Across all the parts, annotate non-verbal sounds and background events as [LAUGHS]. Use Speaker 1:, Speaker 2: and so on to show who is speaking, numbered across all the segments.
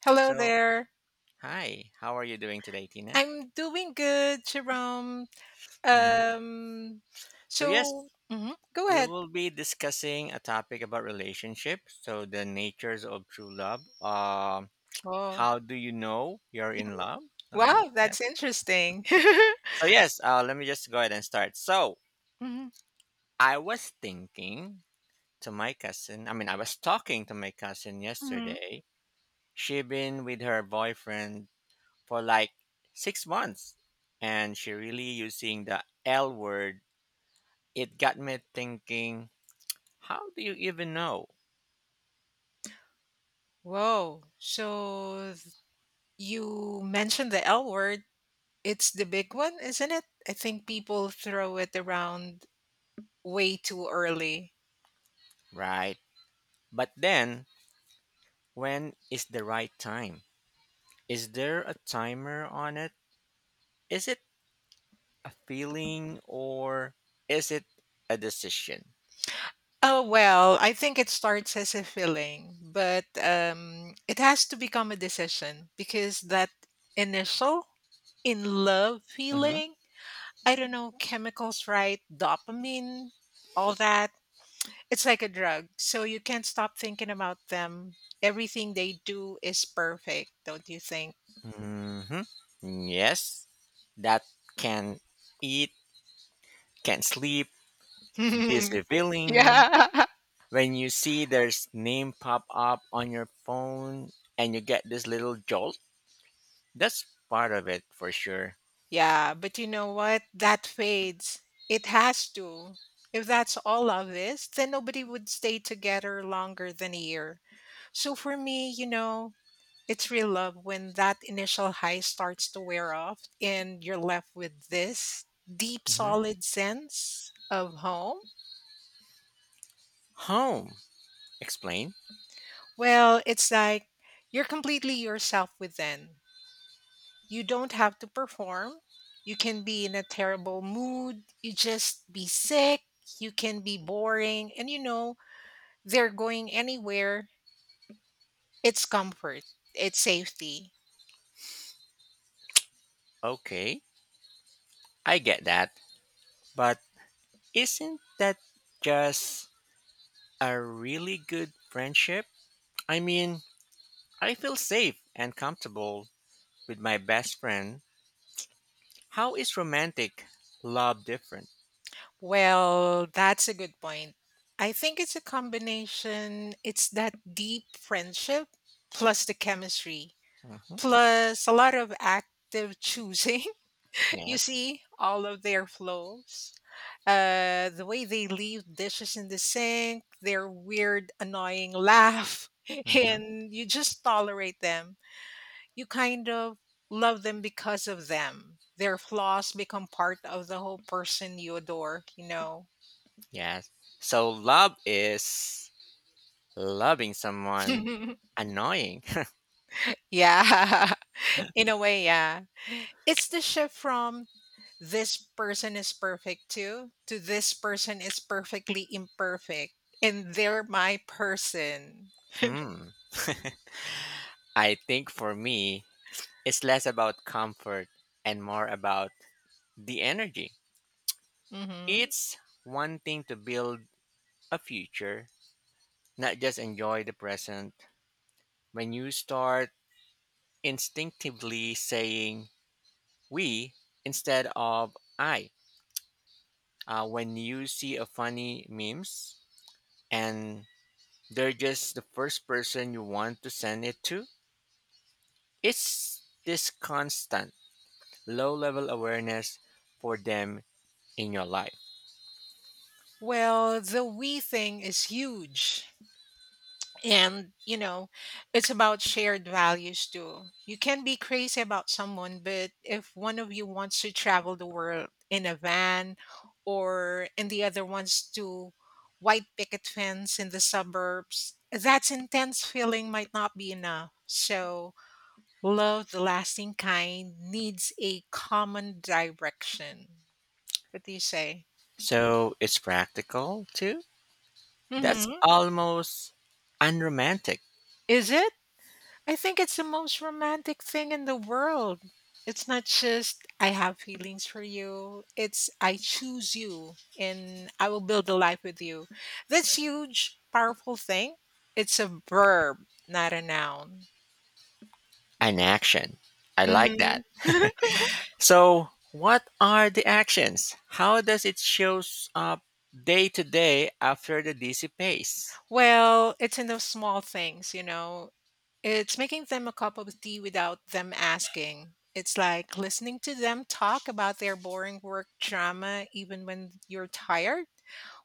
Speaker 1: Hello
Speaker 2: So,
Speaker 1: there.
Speaker 2: hi, how are you doing today, Tina?
Speaker 1: I'm doing good, Jerome.
Speaker 2: hmm
Speaker 1: Um,
Speaker 2: So, yes,
Speaker 1: go
Speaker 2: we
Speaker 1: ahead.
Speaker 2: will be discussing a topic about relationships. So, the natures of true love.
Speaker 1: Oh.
Speaker 2: How do you know you're in love? Something like
Speaker 1: Wow,
Speaker 2: that.
Speaker 1: that's interesting. [LAUGHS]
Speaker 2: So, yes, let me just go ahead and start. So,
Speaker 1: Mhm,
Speaker 2: I was thinking I was talking to my cousin
Speaker 1: mhm.
Speaker 2: yesterday. She been with her boyfriend for like 6 months, and she really using the L word. It got me thinking, how do you even know?
Speaker 1: Whoa. You mentioned the L word. It's the big one, isn't it? I think people throw it around way too early.
Speaker 2: Right? But then, when is the right time? Is there a timer on it? Is it a feeling or is it a decision?
Speaker 1: Oh, well, I think it starts as a feeling, but it has to become a decision because that initial in love
Speaker 2: Mm-hmm.
Speaker 1: feeling, I don't know, chemicals, right? Dopamine, all that. It's like a drug. So you can't stop thinking about them. Everything they do is perfect, don't you think?
Speaker 2: hmm Yes, that can eat, can sleep, this
Speaker 1: [LAUGHS]
Speaker 2: feeling.
Speaker 1: Yeah.
Speaker 2: When you see there's name pop up on your phone and you get this little jolt, that's part of it for sure.
Speaker 1: Yeah, but you know what? That fades. It has to. If that's all of this, then nobody would stay together longer than a year. So for me, it's real love when that initial high starts to wear off and you're left with this deep,
Speaker 2: Mm-hmm.
Speaker 1: solid sense of home.
Speaker 2: Home. Explain.
Speaker 1: Well, it's like you're completely yourself within. You don't have to perform. You can be in a terrible mood. You just be sick. You can be boring. And you know, they're going anywhere. It's comfort, it's safety.
Speaker 2: Okay, I get that. But isn't that just a really good friendship? I mean, I feel safe and comfortable with my best friend. How is romantic love different?
Speaker 1: Well, that's a good point. I think it's a combination. It's that deep friendship plus the chemistry,
Speaker 2: Mm-hmm.
Speaker 1: plus a lot of active choosing. [LAUGHS] You
Speaker 2: Yes.
Speaker 1: see all of their flows. The way they leave dishes in the sink, their weird, annoying laugh, [LAUGHS]
Speaker 2: Mm-hmm.
Speaker 1: and you just tolerate them. You kind of love them because of them. Their flaws become part of the whole person you adore, you know?
Speaker 2: Yes. So love is loving someone
Speaker 1: [LAUGHS]
Speaker 2: annoying.
Speaker 1: Yeah, [LAUGHS] in a way, yeah. It's the shift from this person is perfect too to this person is perfectly imperfect and they're my person.
Speaker 2: [LAUGHS] hmm. [LAUGHS] I think for me, it's less about comfort and more about the energy.
Speaker 1: Hmm.
Speaker 2: It's one thing to build a future, not just enjoy the present. When you start instinctively saying we instead of I, when you see a funny memes and they're just the first person you want to send it to, it's this constant low level awareness for them in your life.
Speaker 1: Well, the we thing is huge. And, it's about shared values too. You can be crazy about someone, but if one of you wants to travel the world in a van or and the other wants to white picket fence in the suburbs, that's intense feeling might not be enough. So, love the lasting kind needs a common direction. What do you say?
Speaker 2: So it's practical too. That's
Speaker 1: Mhm.
Speaker 2: almost unromantic.
Speaker 1: Is it? I think it's the most romantic thing in the world. It's not just I have feelings for you. It's I choose you and I will build a life with you. That's huge, powerful thing. It's a verb, not a noun.
Speaker 2: An action. I like
Speaker 1: Hmm.
Speaker 2: that. [LAUGHS]
Speaker 1: [LAUGHS]
Speaker 2: So, what are the actions? How does it shows up day to day after the dissipates?
Speaker 1: Well, it's in those small things, you know. It's making them a cup of tea without them asking. It's like listening to them talk about their boring work drama even when you're tired.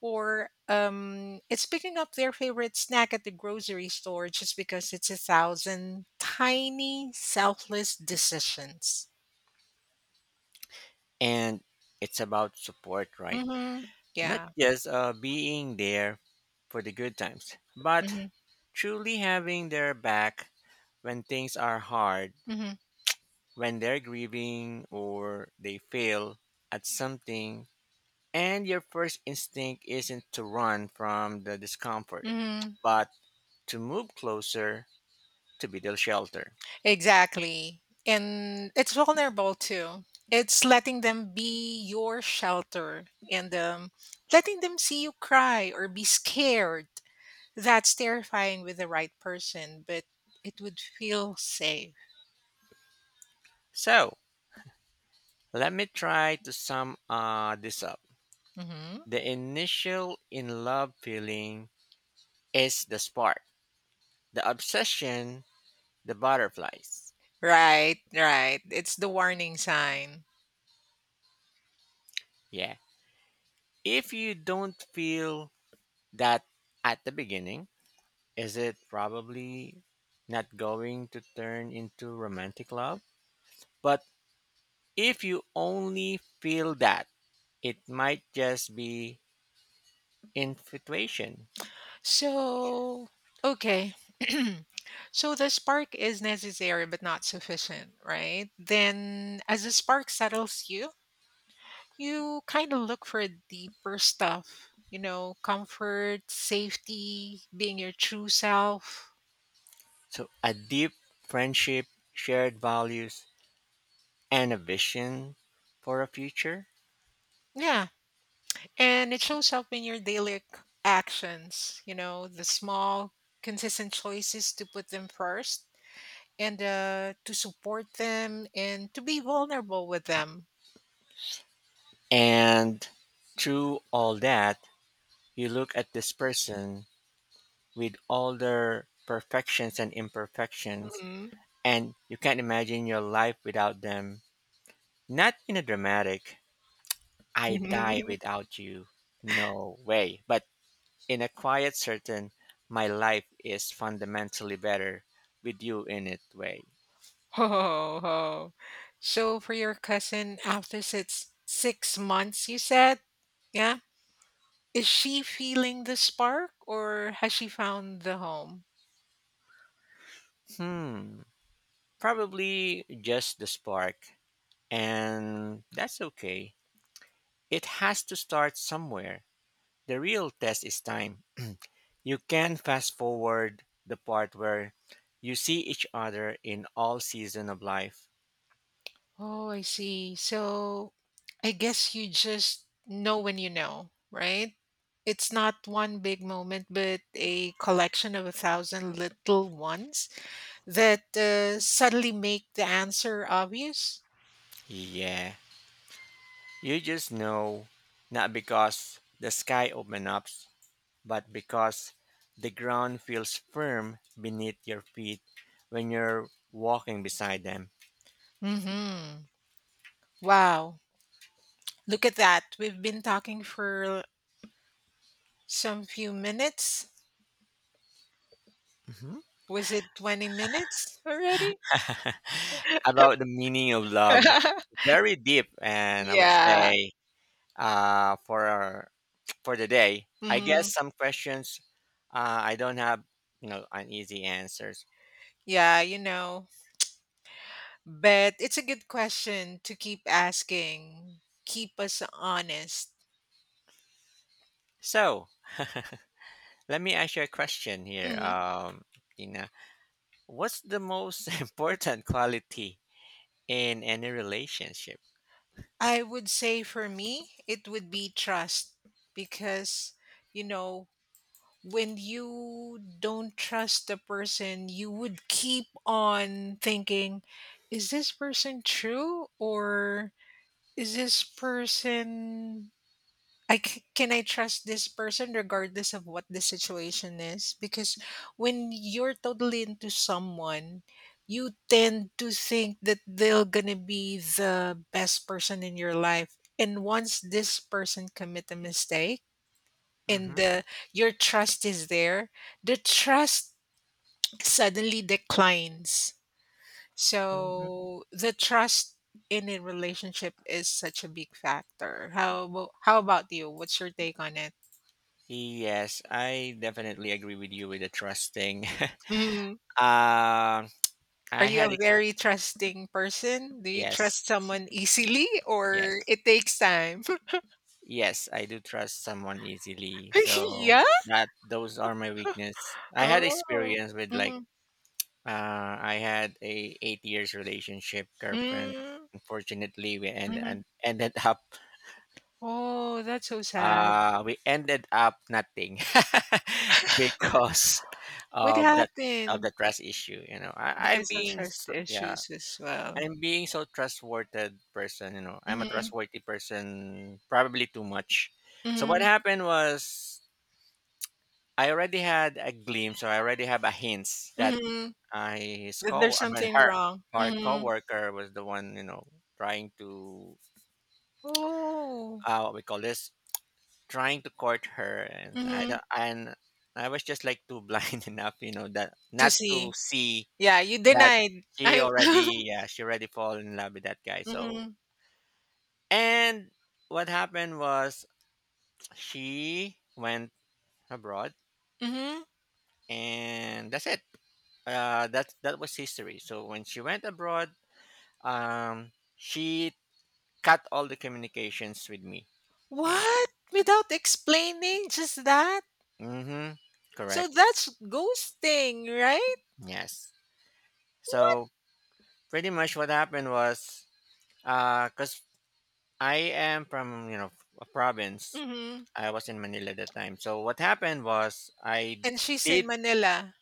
Speaker 1: Or it's picking up their favorite snack at the grocery store just because it's a thousand tiny selfless decisions.
Speaker 2: And it's about support, right?
Speaker 1: Hmm.
Speaker 2: Not
Speaker 1: Yeah.
Speaker 2: just being there for the good times, but
Speaker 1: Hmm.
Speaker 2: truly having their back when things are hard,
Speaker 1: Hmm.
Speaker 2: when they're grieving or they fail at something, and your first instinct isn't to run from the discomfort,
Speaker 1: Hmm.
Speaker 2: but to move closer to beetle shelter.
Speaker 1: Exactly. And it's vulnerable too. It's letting them be your shelter and letting them see you cry or be scared. That's terrifying with the right person, but it would feel safe.
Speaker 2: So let me try to sum this up.
Speaker 1: Hmm.
Speaker 2: The initial in love feeling is the spark, the obsession, the butterflies.
Speaker 1: Right, right. It's the warning sign.
Speaker 2: Yeah. If you don't feel that at the beginning, is it probably not going to turn into romantic love? But if you only feel that, it might just be infatuation.
Speaker 1: So, okay. [CLEARS THROAT] So the spark is necessary but not sufficient, right? Then as the spark settles you, kind of look for deeper stuff, comfort, safety, being your true self.
Speaker 2: So, a deep friendship, shared values, and a vision for a future.
Speaker 1: Yeah. And it shows up in your daily actions, the small, consistent choices to put them first and to support them and to be vulnerable with them.
Speaker 2: And through all that, you look at this person with all their perfections and imperfections,
Speaker 1: Mhm.
Speaker 2: and you can't imagine your life without them. Not in a dramatic, I die
Speaker 1: [LAUGHS]
Speaker 2: without you, no way, but in a quiet, certain, my life is fundamentally better with you in it way.
Speaker 1: Oh, oh. So for your cousin, after six months, you said, yeah, is she feeling the spark or has she found the home?
Speaker 2: Hmm. Probably just the spark, and that's okay. It has to start somewhere. The real test is time. You can fast forward the part where you see each other in all season of life.
Speaker 1: Oh, I see. So I guess you just know when you know, right? It's not one big moment, but a collection of a thousand little ones that suddenly make the answer obvious.
Speaker 2: Yeah, you just know not because the sky opens up, but because the ground feels firm beneath your feet when you're walking beside them.
Speaker 1: Mm-hmm. Wow. Look at that. We've been talking for some few minutes.
Speaker 2: Mhm.
Speaker 1: Was it 20 minutes already?
Speaker 2: About the meaning of love.
Speaker 1: [LAUGHS]
Speaker 2: Very deep, and I would
Speaker 1: Yeah.
Speaker 2: say uh, for our, for the day, I guess
Speaker 1: Hmm.
Speaker 2: some questions, I don't have, an easy answers.
Speaker 1: Yeah, you know. But it's a good question to keep asking. Keep us honest.
Speaker 2: So let me ask you a question here,
Speaker 1: Hmm.
Speaker 2: Tina. What's the most [LAUGHS] important quality in any relationship?
Speaker 1: I would say for me, it would be trust because, you know, when you don't trust the person, you would keep on thinking, is this person true or is this person can I trust this person regardless of what the situation is? Because when you're totally into someone, you tend to think that they're gonna be the best person in your life. And once this person commit a mistake, and
Speaker 2: Mm-hmm.
Speaker 1: the, your trust is there, the trust suddenly declines.
Speaker 2: Mm-hmm.
Speaker 1: So the trust in a relationship is such a big factor. How about you? What's your take on it?
Speaker 2: Yes, I definitely agree with you with the trust thing.
Speaker 1: Mm.
Speaker 2: [LAUGHS]
Speaker 1: Are
Speaker 2: I
Speaker 1: you
Speaker 2: had
Speaker 1: a
Speaker 2: ex-
Speaker 1: very trusting person? Do you
Speaker 2: yes,
Speaker 1: trust someone easily or
Speaker 2: yes.
Speaker 1: it takes time?
Speaker 2: Yes, I do trust someone easily. So
Speaker 1: [LAUGHS] Yeah.
Speaker 2: that those are my weakness. I had
Speaker 1: Oh.
Speaker 2: experience with like
Speaker 1: Mm-hmm.
Speaker 2: I had a 8 years relationship girlfriend.
Speaker 1: Mm-hmm.
Speaker 2: Unfortunately we
Speaker 1: Mm-hmm.
Speaker 2: ended up
Speaker 1: Oh, that's so sad.
Speaker 2: we ended up nothing [LAUGHS] because
Speaker 1: What
Speaker 2: of that, of
Speaker 1: happened?
Speaker 2: the trust issue, you know. I
Speaker 1: Because of
Speaker 2: being
Speaker 1: trust
Speaker 2: so, yeah,
Speaker 1: issues as well.
Speaker 2: I'm being so trustworthy person, you know. I'm a
Speaker 1: Mhm,
Speaker 2: trustworthy person probably too much. So what
Speaker 1: mhm,
Speaker 2: happened was I already had a glimpse, or I already have a hints that
Speaker 1: mhm.
Speaker 2: I his
Speaker 1: That there's
Speaker 2: co I mean
Speaker 1: something
Speaker 2: her
Speaker 1: wrong. Mhm.
Speaker 2: coworker was the one, you know, trying to,
Speaker 1: Oh.
Speaker 2: what we call this trying to court her, and
Speaker 1: Mhm.
Speaker 2: I was just like too blind [LAUGHS] enough, you know, that
Speaker 1: To
Speaker 2: not to
Speaker 1: see.
Speaker 2: see
Speaker 1: Yeah, you
Speaker 2: that
Speaker 1: denied.
Speaker 2: she
Speaker 1: I
Speaker 2: already
Speaker 1: [LAUGHS]
Speaker 2: yeah, she already fall in love with that guy. So,
Speaker 1: Mhm,
Speaker 2: and what happened was she went abroad,
Speaker 1: mhm.
Speaker 2: and that's it. That was history. So when she went abroad, um, she cut all the communications with me. And
Speaker 1: What? Without explaining, just that?
Speaker 2: mm-hmm,
Speaker 1: So
Speaker 2: correct.
Speaker 1: that's ghosting, right?
Speaker 2: Yes.
Speaker 1: What?
Speaker 2: So pretty much what happened was, cause I am from, you know, a province.
Speaker 1: Mhm.
Speaker 2: I was in Manila at the time. So what happened was I
Speaker 1: And she's in
Speaker 2: did.
Speaker 1: Manila,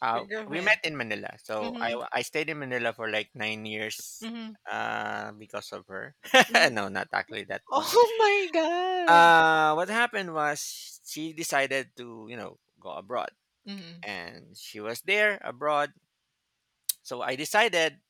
Speaker 1: your
Speaker 2: We met
Speaker 1: girlfriend.
Speaker 2: in Manila. So I
Speaker 1: Mhm,
Speaker 2: I stayed in Manila for like 9 years.
Speaker 1: mhm,
Speaker 2: Because of her. [LAUGHS]
Speaker 1: mhm.
Speaker 2: No, not actually that one.
Speaker 1: Oh my God.
Speaker 2: What happened was she decided to, you know, go abroad,
Speaker 1: Mhm,
Speaker 2: and she was there abroad. So I decided,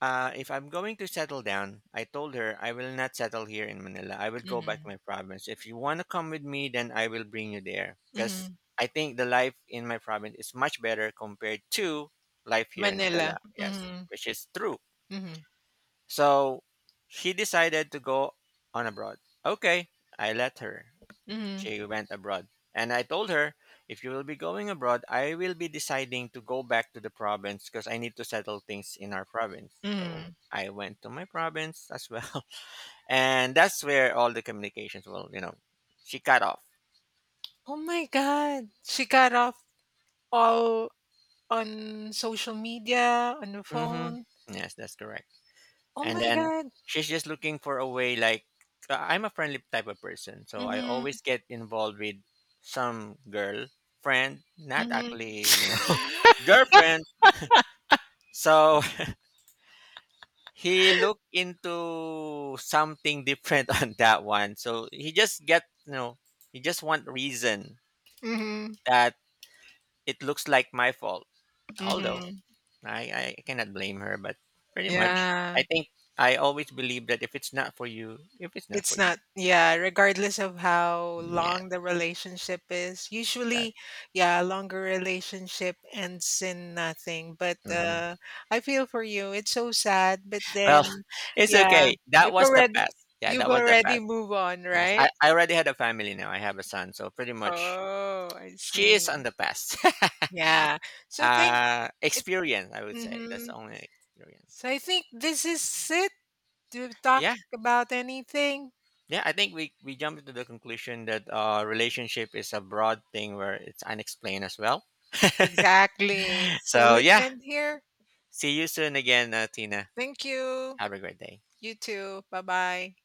Speaker 2: if I'm going to settle down, I told her I will not settle here in Manila. I will go back to
Speaker 1: mhm,
Speaker 2: my province. If you want to come with me, then I will bring you there because
Speaker 1: mhm.
Speaker 2: I think the life in my province is much better compared to life here in Manila.
Speaker 1: Manila.
Speaker 2: Yes,
Speaker 1: Mhm,
Speaker 2: which is true.
Speaker 1: mhm,
Speaker 2: So she decided to go on abroad. Okay, I let her.
Speaker 1: mhm,
Speaker 2: She went abroad. And I told her, if you will be going abroad, I will be deciding to go back to the province because I need to settle things in our province. So
Speaker 1: mhm.
Speaker 2: I went to my province as well. [LAUGHS] And that's where all the communications, well, you know, she cut off.
Speaker 1: Oh my God. She got off all on social media, on the
Speaker 2: hmm
Speaker 1: phone.
Speaker 2: Yes, that's correct.
Speaker 1: Oh
Speaker 2: And
Speaker 1: my
Speaker 2: then
Speaker 1: God.
Speaker 2: she's just looking for a way, like, I'm a friendly type of person. So I
Speaker 1: Mm-hmm.
Speaker 2: always get involved with some girl, friend, not
Speaker 1: Mm-hmm.
Speaker 2: actually, you know, [LAUGHS] girlfriend. So he looked into something different [LAUGHS] on that one. So he just get, you know, he just want reason
Speaker 1: Mm-hmm.
Speaker 2: that it looks like my fault. Although
Speaker 1: Mm-hmm. [LAUGHS]
Speaker 2: I cannot blame her, but pretty much I
Speaker 1: Yeah.
Speaker 2: think I always believe that if it's not for
Speaker 1: It's
Speaker 2: you,
Speaker 1: not, yeah, regardless of how
Speaker 2: yeah, yeah.
Speaker 1: long the relationship is.
Speaker 2: That,
Speaker 1: Usually, yeah, a longer relationship ends in nothing. But
Speaker 2: mhm.
Speaker 1: uh, I feel for you. It's so sad. But
Speaker 2: Well,
Speaker 1: then,
Speaker 2: [LAUGHS] it's
Speaker 1: yeah,
Speaker 2: okay. That
Speaker 1: if
Speaker 2: was the
Speaker 1: already,
Speaker 2: past. Yeah,
Speaker 1: you've
Speaker 2: that was the
Speaker 1: already
Speaker 2: past.
Speaker 1: moved on,
Speaker 2: Yes,
Speaker 1: right?
Speaker 2: I already had a family now. I have a son, so pretty much
Speaker 1: Oh, I
Speaker 2: she
Speaker 1: see.
Speaker 2: is on the past. [LAUGHS]
Speaker 1: Yeah. So think it.
Speaker 2: Experience, I would say. That's
Speaker 1: Hmm.
Speaker 2: the only experience.
Speaker 1: So I think this is it. Do you talk
Speaker 2: Yeah,
Speaker 1: about anything?
Speaker 2: yeah. I think we jump to the conclusion that relationship is a broad thing where it's unexplained as well.
Speaker 1: Exactly. So
Speaker 2: So
Speaker 1: let's
Speaker 2: yeah,
Speaker 1: end here.
Speaker 2: see you soon again, Tina.
Speaker 1: Thank you.
Speaker 2: Have a great day.
Speaker 1: You too. Bye bye.